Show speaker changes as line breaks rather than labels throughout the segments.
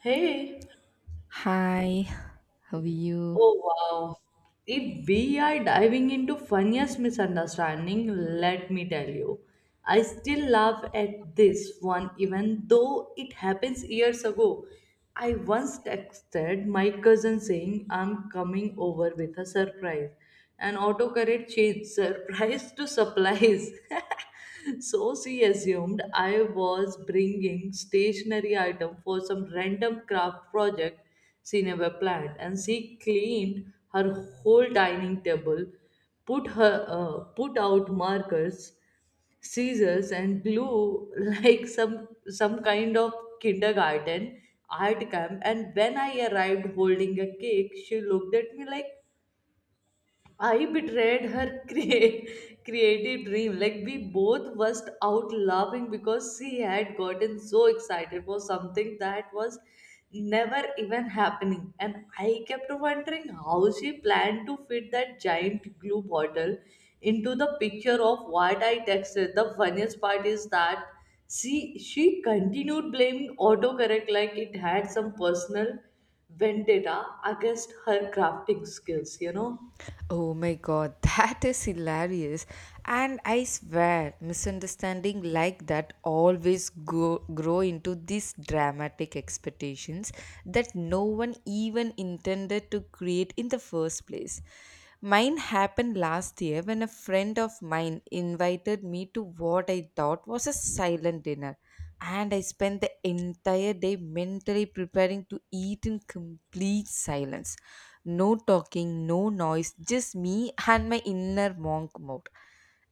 Hey,
Hi, how are you?
oh wow. If we are diving into funniest misunderstanding, let me tell you. I still laugh at this one even though it happens years ago. I once texted my cousin saying I'm coming over with a surprise and autocorrect changed surprise to supplies. So she assumed I was bringing stationery item for some random craft project she never planned, and she cleaned her whole dining table, put her put out markers, scissors, and glue like some kind of kindergarten art camp. And when I arrived holding a cake, she looked at me like, I betrayed creative dream. Like, we both burst out laughing because she had gotten so excited for something that was never even happening. And I kept wondering how she planned to fit that giant glue bottle into the picture of what I texted. The funniest part is that she continued blaming autocorrect like it had some personal vendetta against her crafting skills, you know?
Oh my god, that is hilarious. And I swear, misunderstanding like that grow into these dramatic expectations that no one even intended to create in the first place. Mine happened last year when a friend of mine invited me to what I thought was a silent dinner. And I spent the entire day mentally preparing to eat in complete silence. No talking, no noise, just me and my inner monk mode.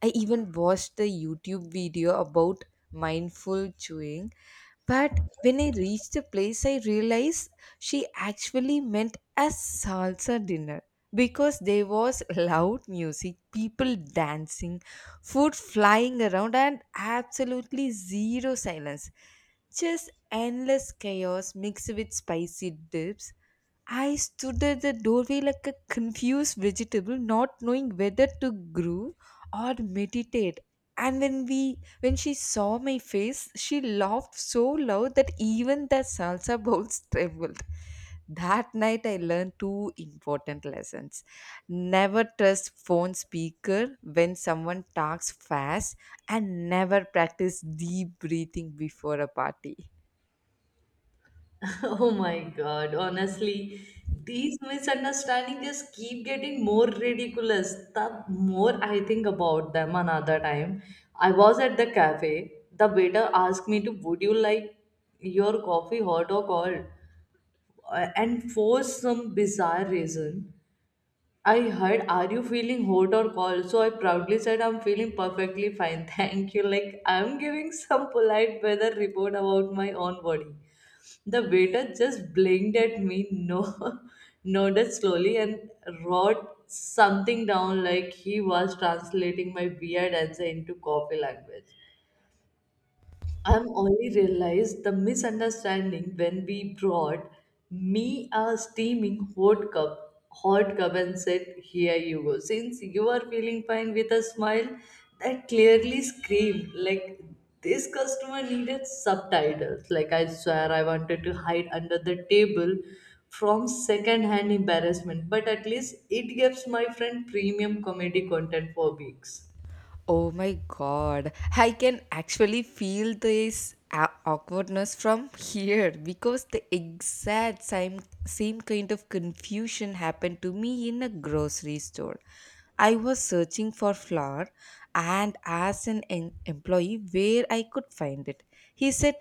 I even watched a YouTube video about mindful chewing, but when I reached the place, I realized she actually meant a salsa dinner because there was loud music, people dancing, food flying around, and absolutely zero silence. Just endless chaos mixed with spicy dips. I stood at the doorway like a confused vegetable, not knowing whether to groove or meditate. And when she saw my face, she laughed so loud that even the salsa bowls trembled. That night I learned two important lessons. Never trust phone speaker when someone talks fast, and never practice deep breathing before a party.
Oh my God, honestly, these misunderstandings just keep getting more ridiculous. The more I think about them another time, I was at the cafe. The waiter asked me to, would you like your coffee hot or cold? And for some bizarre reason, I heard, are you feeling hot or cold? So I proudly said, I'm feeling perfectly fine. Thank you. Like I'm giving some polite weather report about my own body. The waiter just blinked at me, no, nodded slowly, and wrote something down like he was translating my weird answer into coffee language. I'm only realized the misunderstanding when we brought me a steaming hot cup and said, Here you go. Since you are feeling fine with a smile, that clearly screamed like this customer needed subtitles. Like I swear I wanted to hide under the table from second-hand embarrassment, but at least it gives my friend premium comedy content for weeks.
Oh my god, I can actually feel this awkwardness from here because the exact same kind of confusion happened to me in a grocery store. I was searching for flour and asked an employee where I could find it. He said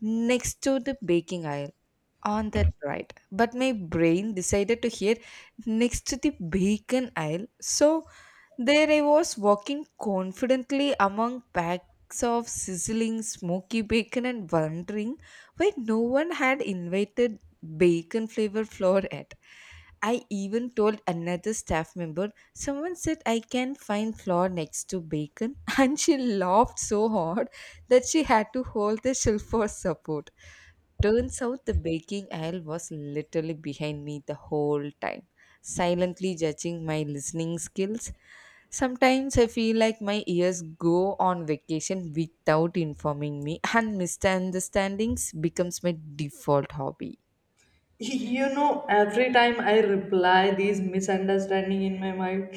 next to the baking aisle on that right. But my brain decided to hear next to the bacon aisle. So there I was, walking confidently among packs of sizzling smoky bacon and wondering why no one had invited bacon flavor flour yet. I even told another staff member, someone said I can find flour next to bacon, and she laughed so hard that she had to hold the shelf for support. Turns out the baking aisle was literally behind me the whole time, silently judging my listening skills. Sometimes I feel like my ears go on vacation without informing me, and misunderstandings becomes my default hobby.
You know, every time I reply these misunderstanding in my mind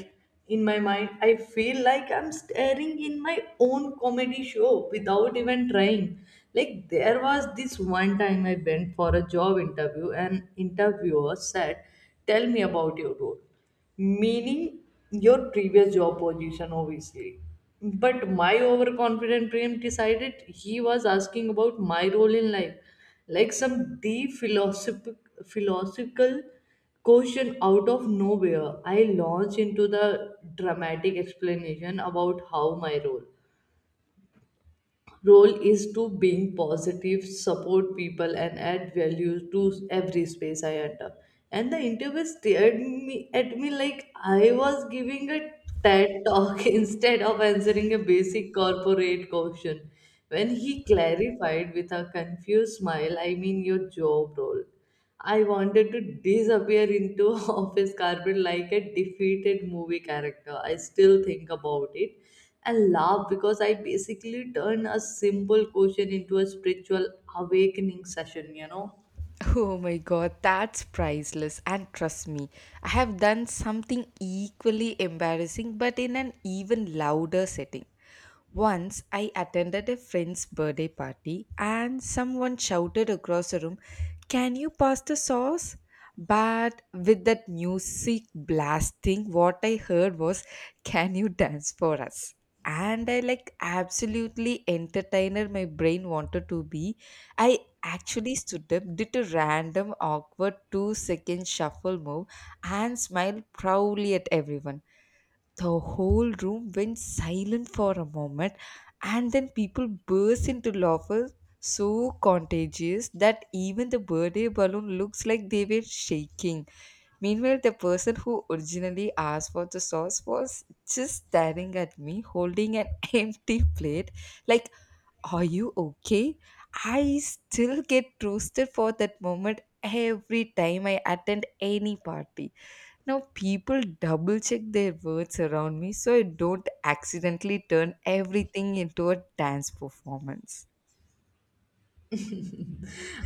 in my mind I feel like I'm staring in my own comedy show without even trying. Like there was this one time I went for a job interview and interviewer said, tell me about your role, meaning your previous job position obviously, but my overconfident brain decided he was asking about my role in life, like some deep philosophical question. Out of nowhere I launched into the dramatic explanation about how my role is to being positive, support people, and add value to every space I enter. And the interviewer stared me at me like I was giving a TED talk instead of answering a basic corporate question. When he clarified with a confused smile, I mean your job role, I wanted to disappear into office carpet like a defeated movie character. I still think about it and laugh because I basically turned a simple question into a spiritual awakening session, you know.
Oh my god, that's priceless. And trust me, I have done something equally embarrassing but in an even louder setting. Once I attended a friend's birthday party and someone shouted across the room, can you pass the sauce? But with that music blasting, what I heard was, can you dance for us? And I, like absolutely entertainer my brain wanted to be, I actually stood up, did a random awkward two second shuffle move, and smiled proudly at everyone. The whole room went silent for a moment, and then people burst into laughter so contagious that even the birthday balloon looks like they were shaking. Meanwhile, the person who originally asked for the sauce was just staring at me, holding an empty plate, like, are you okay? I still get roasted for that moment every time I attend any party. Now, people double check their words around me so I don't accidentally turn everything into a dance performance.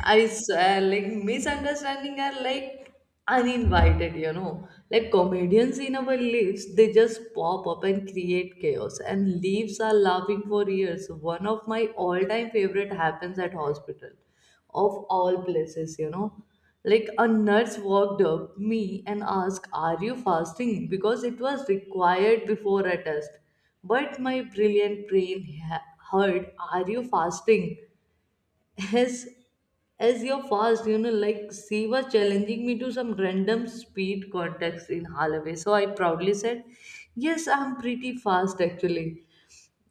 I swear, like misunderstanding are like uninvited, you know. Like comedians in our lives, they just pop up and create chaos, and leaves are laughing for years. One of my all-time favorite happens at hospital, of all places, you know. Like a nurse walked up me and asked, "Are you fasting?" Because it was required before a test. But my brilliant brain heard, Are you fasting? As as you're fast, you know, like she was challenging me to some random speed contest in Holloway. So I proudly said, yes, I'm pretty fast actually,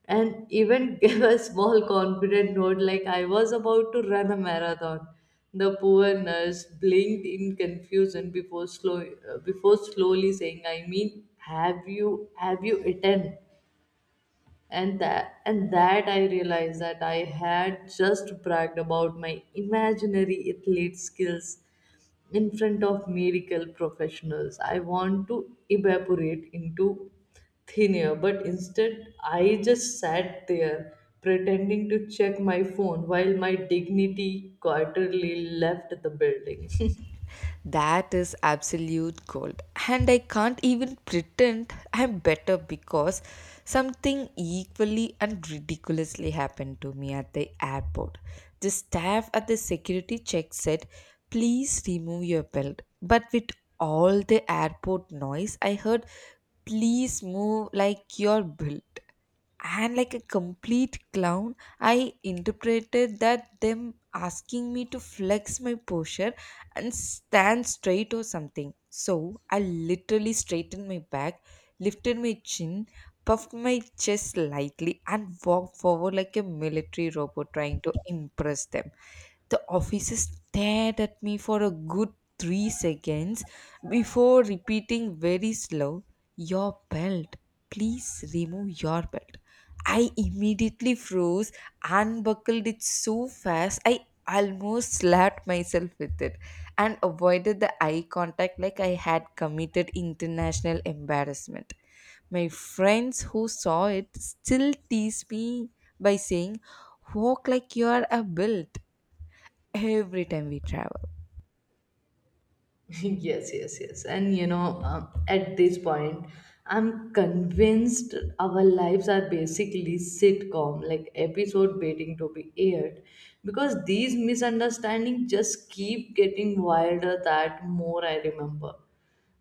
and even gave a small confident note like I was about to run a marathon. The poor nurse blinked in confusion before slow before slowly saying, I mean have you eaten. And that I realized that I had just bragged about my imaginary athlete skills in front of medical professionals. I want to evaporate into thin air, but instead I just sat there pretending to check my phone while my dignity quarterly left the building.
That is absolute gold. And I can't even pretend I'm better because something equally and ridiculously happened to me at the airport. The staff at the security check said, please remove your belt. But with all the airport noise, I heard, please move like your bill. And like a complete clown, I interpreted that them asking me to flex my posture and stand straight or something, so I literally straightened my back, lifted my chin, puffed my chest lightly, and walked forward like a military robot trying to impress them. The officer stared at me for a good three seconds before repeating very slow, your belt. Please remove your belt. I immediately froze, unbuckled it so fast, I almost slapped myself with it, and avoided the eye contact like I had committed international embarrassment. My friends who saw it still tease me by saying, walk like you are a built, every time we travel.
Yes, and you know, at this point I'm convinced our lives are basically sitcom like episode waiting to be aired because these misunderstandings just keep getting wilder that more I remember.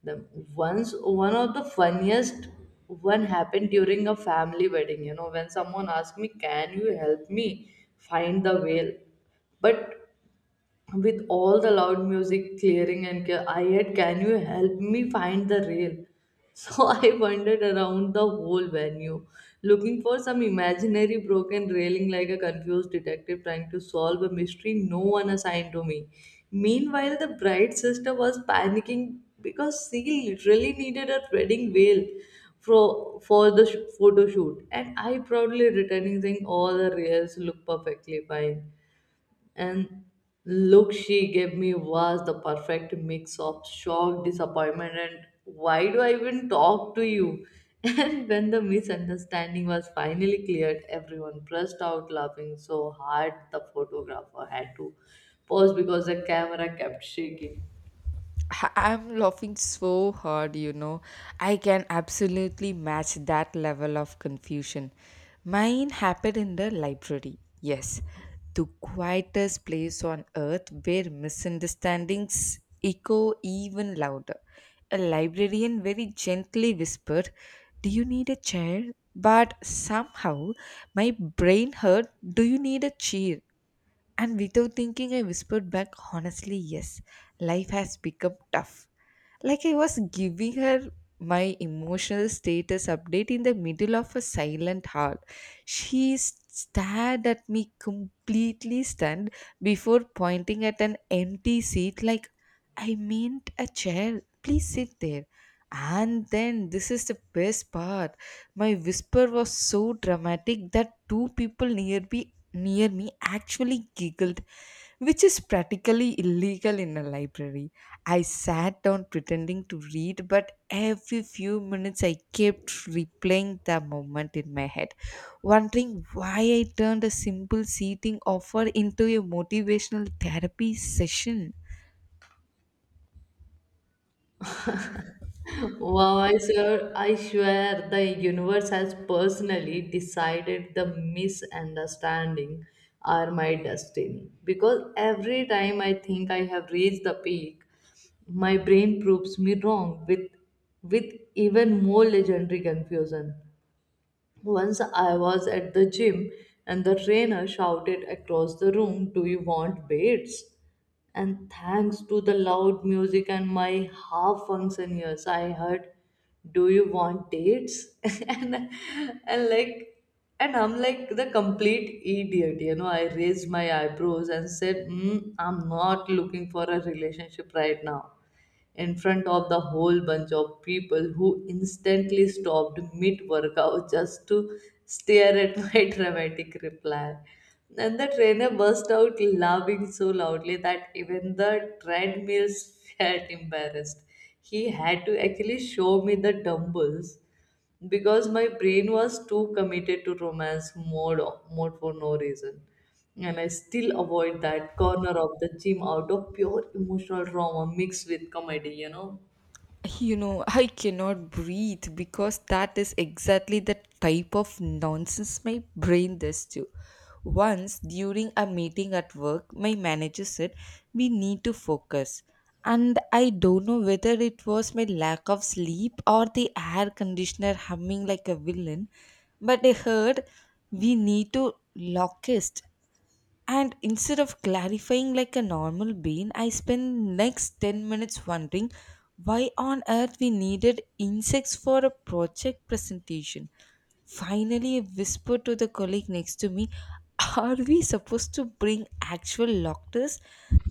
The once One of the funniest one happened during a family wedding, you know, when someone asked me, can you help me find the whale? But with all the loud music clearing and I had, can you help me find the rail? So I wandered around the whole venue, looking for some imaginary broken railing like a confused detective trying to solve a mystery no one assigned to me. Meanwhile, the bride sister was panicking because she literally needed a wedding veil for the photo shoot, and I proudly returning saying all the rails look perfectly fine, and look she gave me was the perfect mix of shock, disappointment, and why do I even talk to you? And when the misunderstanding was finally cleared, everyone burst out laughing so hard the photographer had to pause because the camera kept shaking.
I'm laughing so hard, you know. I can absolutely match that level of confusion. Mine happened in the library. Yes, the quietest place on earth where misunderstandings echo even louder. A librarian very gently whispered, do you need a chair? But somehow my brain heard, do you need a cheer? And without thinking, I whispered back, honestly, yes, life has become tough. Like I was giving her my emotional status update in the middle of a silent hall. She stared at me completely stunned before pointing at an empty seat like I meant a chair. Please sit there. And then this is the best part. My whisper was so dramatic that two people near me actually giggled, which is practically illegal in a library. I sat down pretending to read, but every few minutes I kept replaying the moment in my head, wondering why I turned a simple seating offer into a motivational therapy session.
Wow, I swear the universe has personally decided the misunderstanding are my destiny. Because every time I think I have reached the peak, my brain proves me wrong with even more legendary confusion. Once I was at the gym and the trainer shouted across the room, Do you want weights? And thanks to the loud music and my half function ears, I heard, Do you want dates? and, and like, and I'm like the complete idiot, you know. I raised my eyebrows and said, mm, I'm not looking for a relationship right now, in front of the whole bunch of people who instantly stopped mid workout just to stare at my dramatic reply. And the trainer burst out laughing so loudly that even the treadmills felt embarrassed. He had to actually show me the dumbbells because my brain was too committed to romance mode for no reason, and I still avoid that corner of the gym out of pure emotional trauma mixed with comedy, you know.
You know, I cannot breathe because that is exactly the type of nonsense my brain does too. Once during a meeting at work, my manager said, we need to focus. And I don't know whether it was my lack of sleep or the air conditioner humming like a villain, but I heard we need to locust. And instead of clarifying like a normal bean, I spend next 10 minutes wondering why on earth we needed insects for a project presentation. Finally, I whispered to the colleague next to me, are we supposed to bring actual lockers?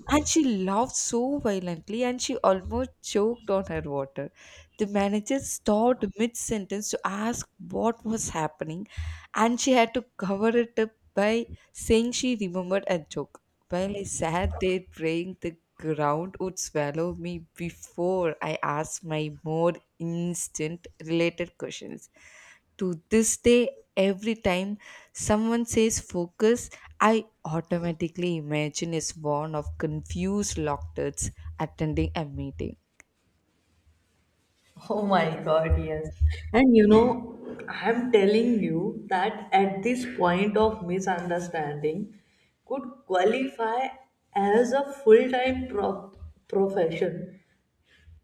And she laughed so violently and she almost choked on her water. The manager stopped mid sentence to ask what was happening, and she had to cover it up by saying she remembered a joke. While I sat there praying the ground would swallow me before I asked my more instant related questions. To this day, every time someone says focus, I automatically imagine a swan of confused locktards attending a meeting.
Oh my god, yes. And you know, I'm telling you that at this point of misunderstanding could qualify as a full time profession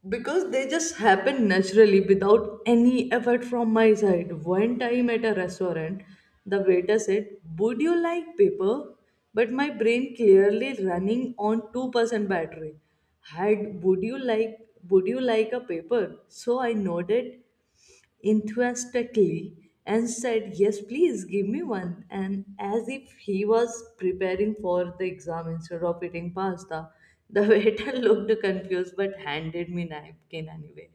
because they just happen naturally without any effort from my side. One time at a restaurant, the waiter said, Would you like paper? But my brain clearly running on 2% battery. Had would you like a paper? So I nodded enthusiastically and said, Yes, please give me one. And as if he was preparing for the exam instead of eating pasta, the waiter looked confused but handed me napkin anyway.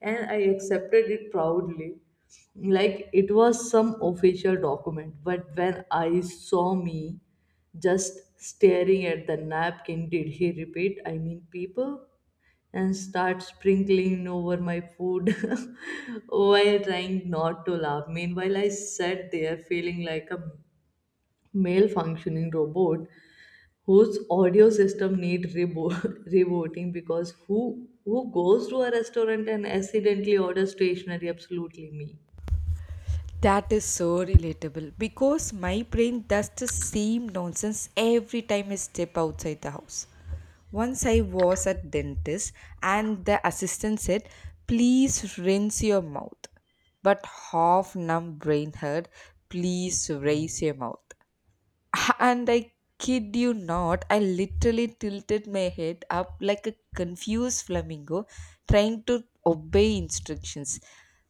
And I accepted it proudly, like it was some official document. But when I saw me just staring at the napkin, did he repeat? I mean, people and start sprinkling over my food while trying not to laugh. Meanwhile, I sat there feeling like a malfunctioning robot whose audio system need rebooting because who goes to a restaurant and accidentally orders stationery? Absolutely me.
That is so relatable because my brain does the same nonsense every time I step outside the house. Once I was at dentist and the assistant said, "Please rinse your mouth." But half numb brain heard, "Please raise your mouth." And I kid you not, I literally tilted my head up like a confused flamingo trying to obey instructions.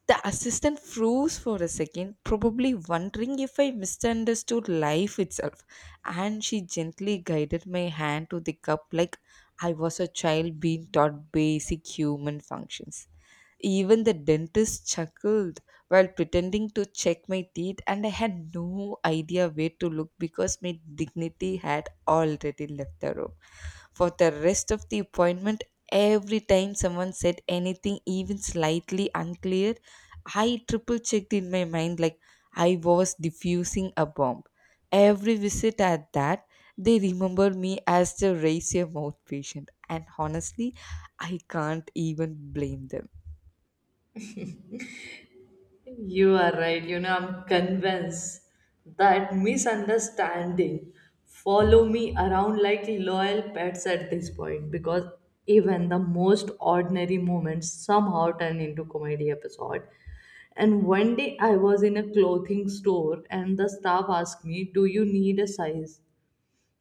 The assistant froze for a second, probably wondering if I misunderstood life itself, and she gently guided my hand to the cup like I was a child being taught basic human functions. Even the dentist chuckled while pretending to check my teeth, and I had no idea where to look because my dignity had already left the room. For the rest of the appointment, every time someone said anything, even slightly unclear, I triple checked in my mind like I was diffusing a bomb. Every visit at that, they remember me as the raise your mouth patient, and honestly, I can't even blame them.
You are right. You know, I'm convinced that misunderstanding follow me around like loyal pets at this point because even the most ordinary moments somehow turn into comedy episode. And one day I was in a clothing store and the staff asked me, "Do you need a size?"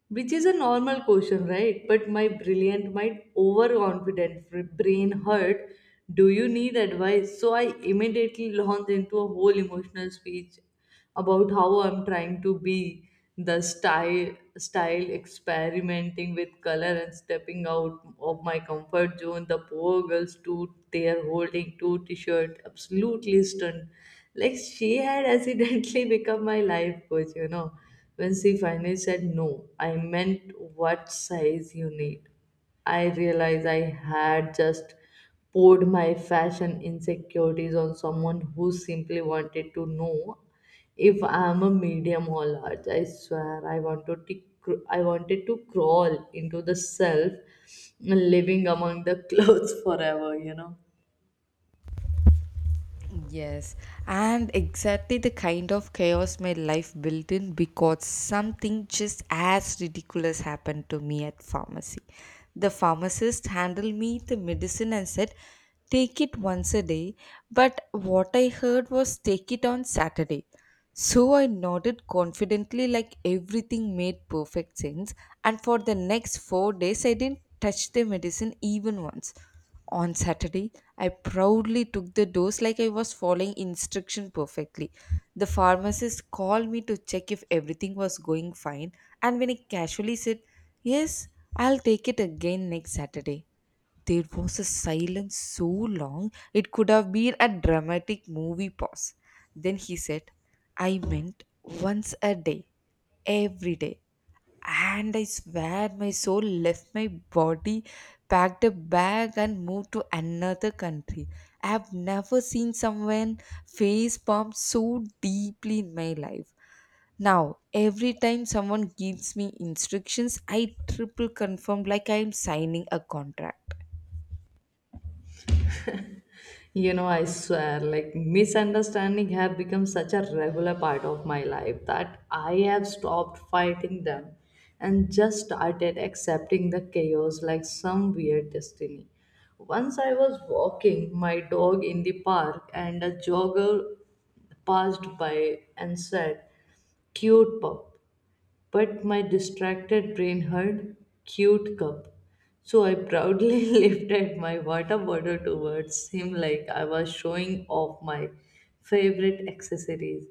Which is a normal question, right? But my overconfident brain heard, Do you need advice? So I immediately launched into a whole emotional speech about how I'm trying to be the style experimenting with color and stepping out of my comfort zone. The poor girls too they are holding two t-shirt absolutely stunned. Like she had accidentally become my life coach, you know. When she finally said, no, I meant what size you need. I realized I had just poured my fashion insecurities on someone who simply wanted to know if I'm a medium or large. I swear I wanted to crawl into the self living among the clothes forever, you know.
Yes, and exactly the kind of chaos my life built in because something just as ridiculous happened to me at pharmacy. The pharmacist handed me the medicine and said, "Take it once a day," but what I heard was "Take it on Saturday." So I nodded confidently, like everything made perfect sense, and for the next four days, I didn't touch the medicine even once. On Saturday, I proudly took the dose like I was following instruction perfectly. The pharmacist called me to check if everything was going fine, and when I casually said, yes, I'll take it again next Saturday. There was a silence so long it could have been a dramatic movie pause. Then he said, I meant once a day, every day. And I swear my soul left my body, packed a bag, and moved to another country. I have never seen someone face palm so deeply in my life. Now, every time someone gives me instructions, I triple confirm like I am signing a contract.
You know, I swear, like misunderstanding have become such a regular part of my life that I have stopped fighting them and just started accepting the chaos like some weird destiny. Once I was walking my dog in the park and a jogger passed by and said, Cute pup, but my distracted brain heard cute cup. So I proudly lifted my water bottle towards him like I was showing off my favorite accessories.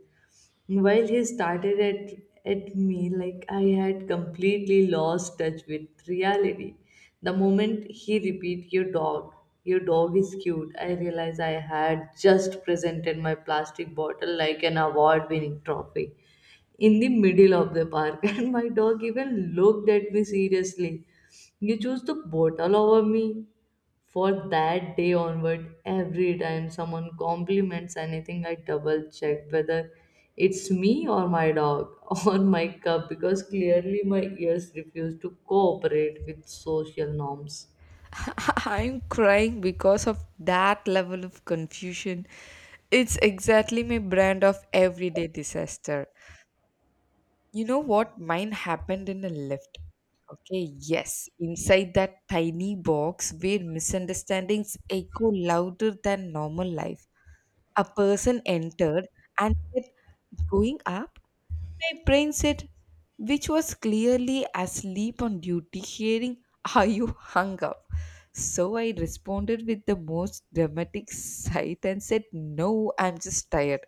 While he started at me like I had completely lost touch with reality. The moment he repeated, "Your dog, your dog is cute," I realized I had just presented my plastic bottle like an award winning trophy in the middle of the park and my dog even looked at me seriously, "You choose the bottle over me?" For that day onward, every time someone compliments anything, I double check whether it's me or my dog or my cup, because clearly my ears refuse to cooperate with social norms.
I'm crying because of that level of confusion. It's exactly my brand of everyday disaster. You know what? Mine happened in a lift. Okay, yes, inside that tiny box where misunderstandings echo louder than normal life. A person entered and said, going up? My brain said, which was clearly asleep on duty, hearing, are you hung up? So I responded with the most dramatic sigh and said, no, I'm just tired,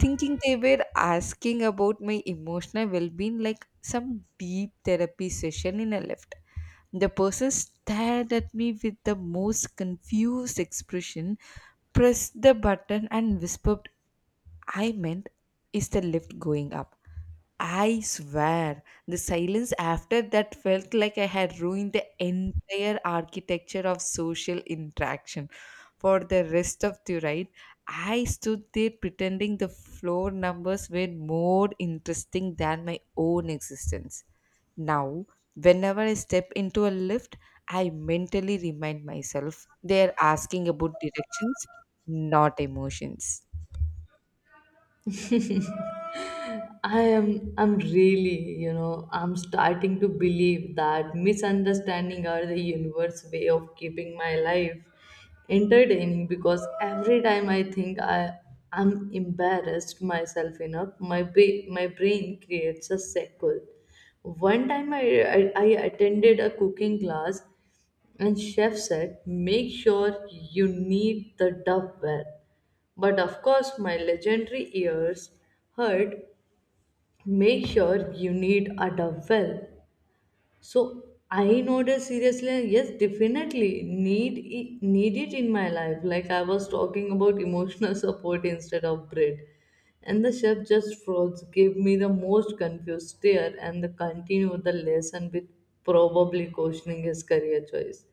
thinking they were asking about my emotional well-being like some deep therapy session in a lift. The person stared at me with the most confused expression, pressed the button, and whispered, I meant, is the lift going up? I swear the silence after that felt like I had ruined the entire architecture of social interaction for the rest of the ride. I stood there pretending the floor numbers were more interesting than my own existence. Now, whenever I step into a lift, I mentally remind myself they're asking about directions, not emotions.
I'm really, I'm starting to believe that misunderstanding are the universe way of keeping my life entertaining, because every time I think I I'm embarrassed myself enough, my brain creates a cycle. One time I attended a cooking class and chef said, "Make sure you knead the dough well." But of course, my legendary ears heard, "Make sure you need a well." So I noticed seriously, "Yes, definitely need it in my life," like I was talking about emotional support instead of bread. And the chef just froze, gave me the most confused stare, and the continued the lesson with probably questioning his career choice.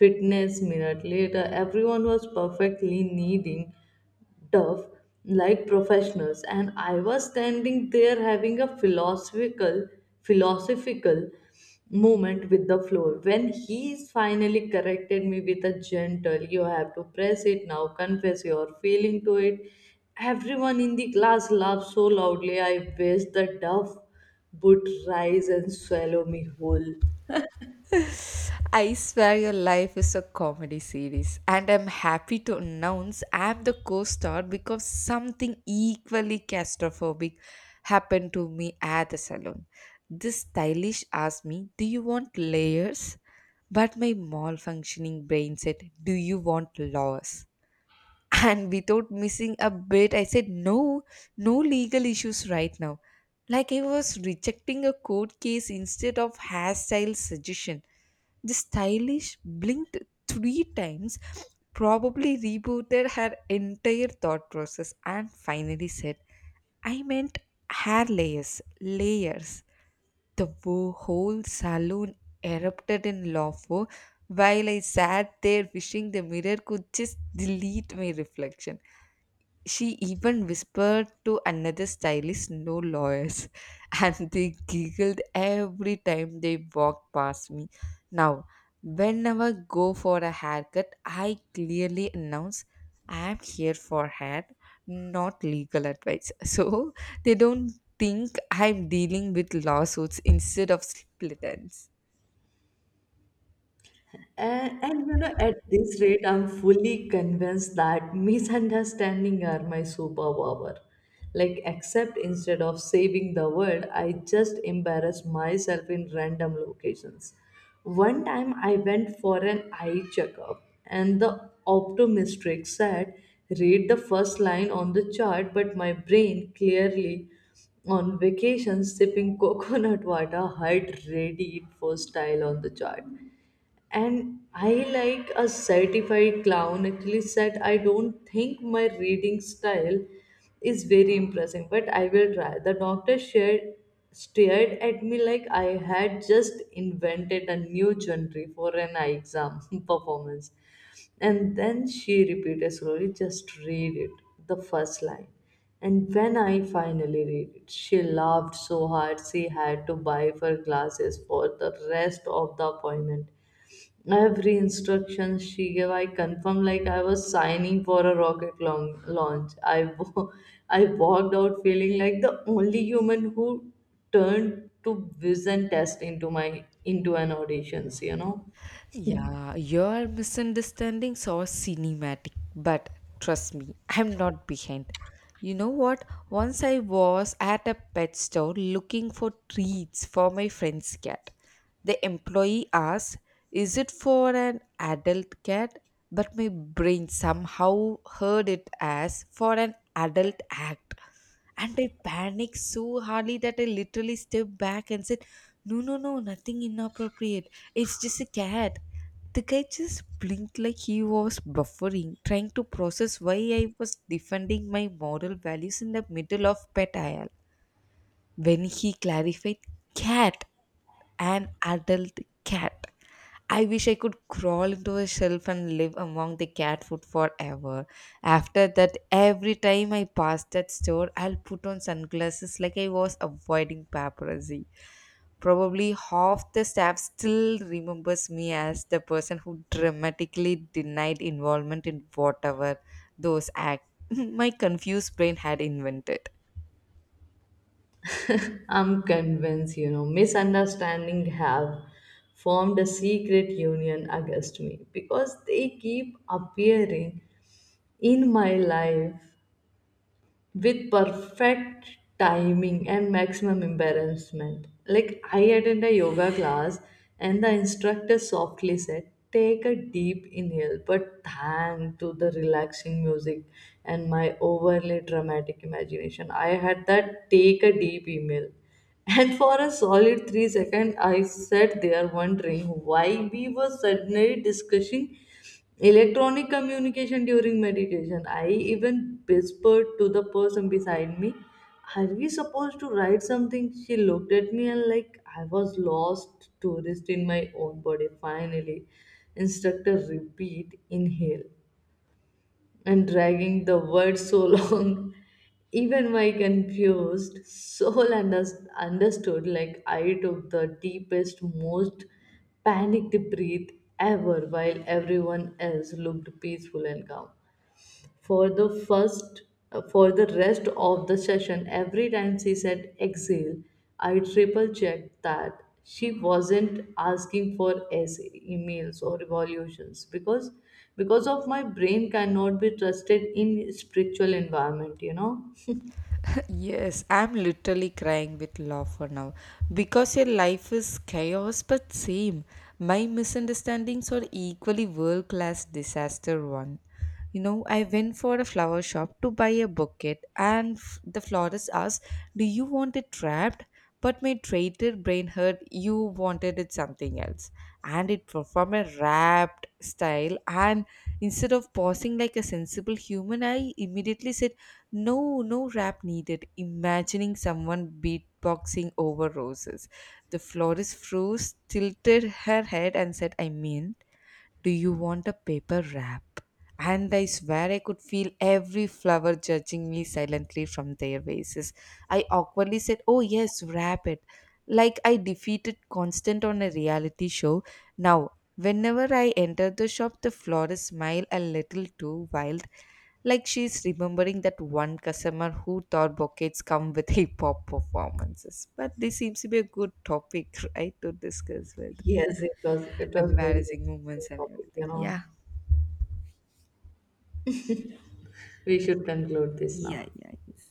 Fitness minute later, everyone was perfectly kneading tough like professionals, and I was standing there having a philosophical moment with the floor when he finally corrected me with a gentle, "You have to press it, now confess your feeling to it." Everyone in the class laughed so loudly I wish the duff would rise and swallow me whole.
I swear your life is a comedy series, and I'm happy to announce I'm the co star because something equally claustrophobic happened to me at the salon. This stylish asked me, do you want layers? But my malfunctioning brain said, do you want laws? And without missing a bit, I said, no, no legal issues right now. Like I was rejecting a court case instead of hairstyle suggestion. The stylish blinked three times, probably rebooted her entire thought process, and finally said, I meant hair layers, layers. The whole saloon erupted in laughter while I sat there wishing the mirror could just delete my reflection. She even whispered to another stylist, no lawyers, and they giggled every time they walked past me. Now, whenever I go for a haircut, I clearly announce I am here for hair, not legal advice. So they don't think I'm dealing with lawsuits instead of split ends.
And at this rate, I'm fully convinced that misunderstanding are my superpower. Like, except instead of saving the world, I just embarrass myself in random locations. One time I went for an eye checkup, and the optometrist said, "Read the first line on the chart," but my brain clearly on vacation sipping coconut water heart ready it for style on the chart. And I, like a certified clown, actually said, "I don't think my reading style is very impressive, but I will try." The doctor shared, stared at me like I had just invented a new genre for an eye exam performance. And then she repeated slowly, "Just read it, the first line." And when I finally read it, she laughed so hard she had to buy her glasses for the rest of the appointment. Every instruction she gave, I confirmed like I was signing for a launch. I walked out feeling like the only human who turned to vision test into my into an auditions.
Yeah, your misunderstandings are cinematic, but trust me, I'm not behind. You know what? Once I was at a pet store looking for treats for my friend's cat. The employee asked, is it for an adult cat? But my brain somehow heard it as for an adult act. And I panicked so hardly that I literally stepped back and said, no, no, no, nothing inappropriate. It's just a cat. The guy just blinked like he was buffering, trying to process why I was defending my moral values in the middle of pet aisle. When he clarified cat, an adult cat. I wish I could crawl into a shelf and live among the cat food forever. After that, every time I pass that store, I'll put on sunglasses like I was avoiding paparazzi. Probably half the staff still remembers me as the person who dramatically denied involvement in whatever those act my confused brain had invented.
I'm convinced. Misunderstanding have formed a secret union against me because they keep appearing in my life with perfect timing and maximum embarrassment. Like I attend a yoga class and the instructor softly said, "Take a deep inhale," but thanks to the relaxing music and my overly dramatic imagination, I had that, "Take a deep inhale." And for a solid 3 seconds, I sat there wondering why we were suddenly discussing electronic communication during meditation. I even whispered to the person beside me, "Are we supposed to write something?" She looked at me and, like, I was lost tourist in my own body. Finally, instructor repeat inhale and dragging the word so long. Even my confused soul understood. Like, I took the deepest, most panicked breath ever while everyone else looked peaceful and calm. For the first for the rest of the session, every time she said exhale, I triple checked that she wasn't asking for essay, emails, or evaluations, because of my brain cannot be trusted in spiritual environment,
Yes, I'm literally crying with laughter now because your life is chaos, but same. My misunderstandings are equally world class disaster one. You know, I went for a flower shop to buy a bouquet, and the florist asked, "Do you want it wrapped?" But my traitor brain heard you wanted it something else, and it performed a wrapped style. And instead of pausing like a sensible human, I immediately said no, no rap needed. Imagining someone beatboxing over roses. The florist froze, tilted her head, and said, I mean, do you want a paper wrap? And I swear I could feel every flower judging me silently from their vases. I awkwardly said, oh, yes, wrap it. Like I defeated Constant on a reality show. Now, whenever I enter the shop, the florist smile a little too wild like she's remembering that one customer who thought buckets come with hip hop performances. But this seems to be a good topic, right, to discuss with
yes, it was very
embarrassing
interesting
moments and
topic,
everything. Yeah.
we should conclude this now.
Yeah, yeah,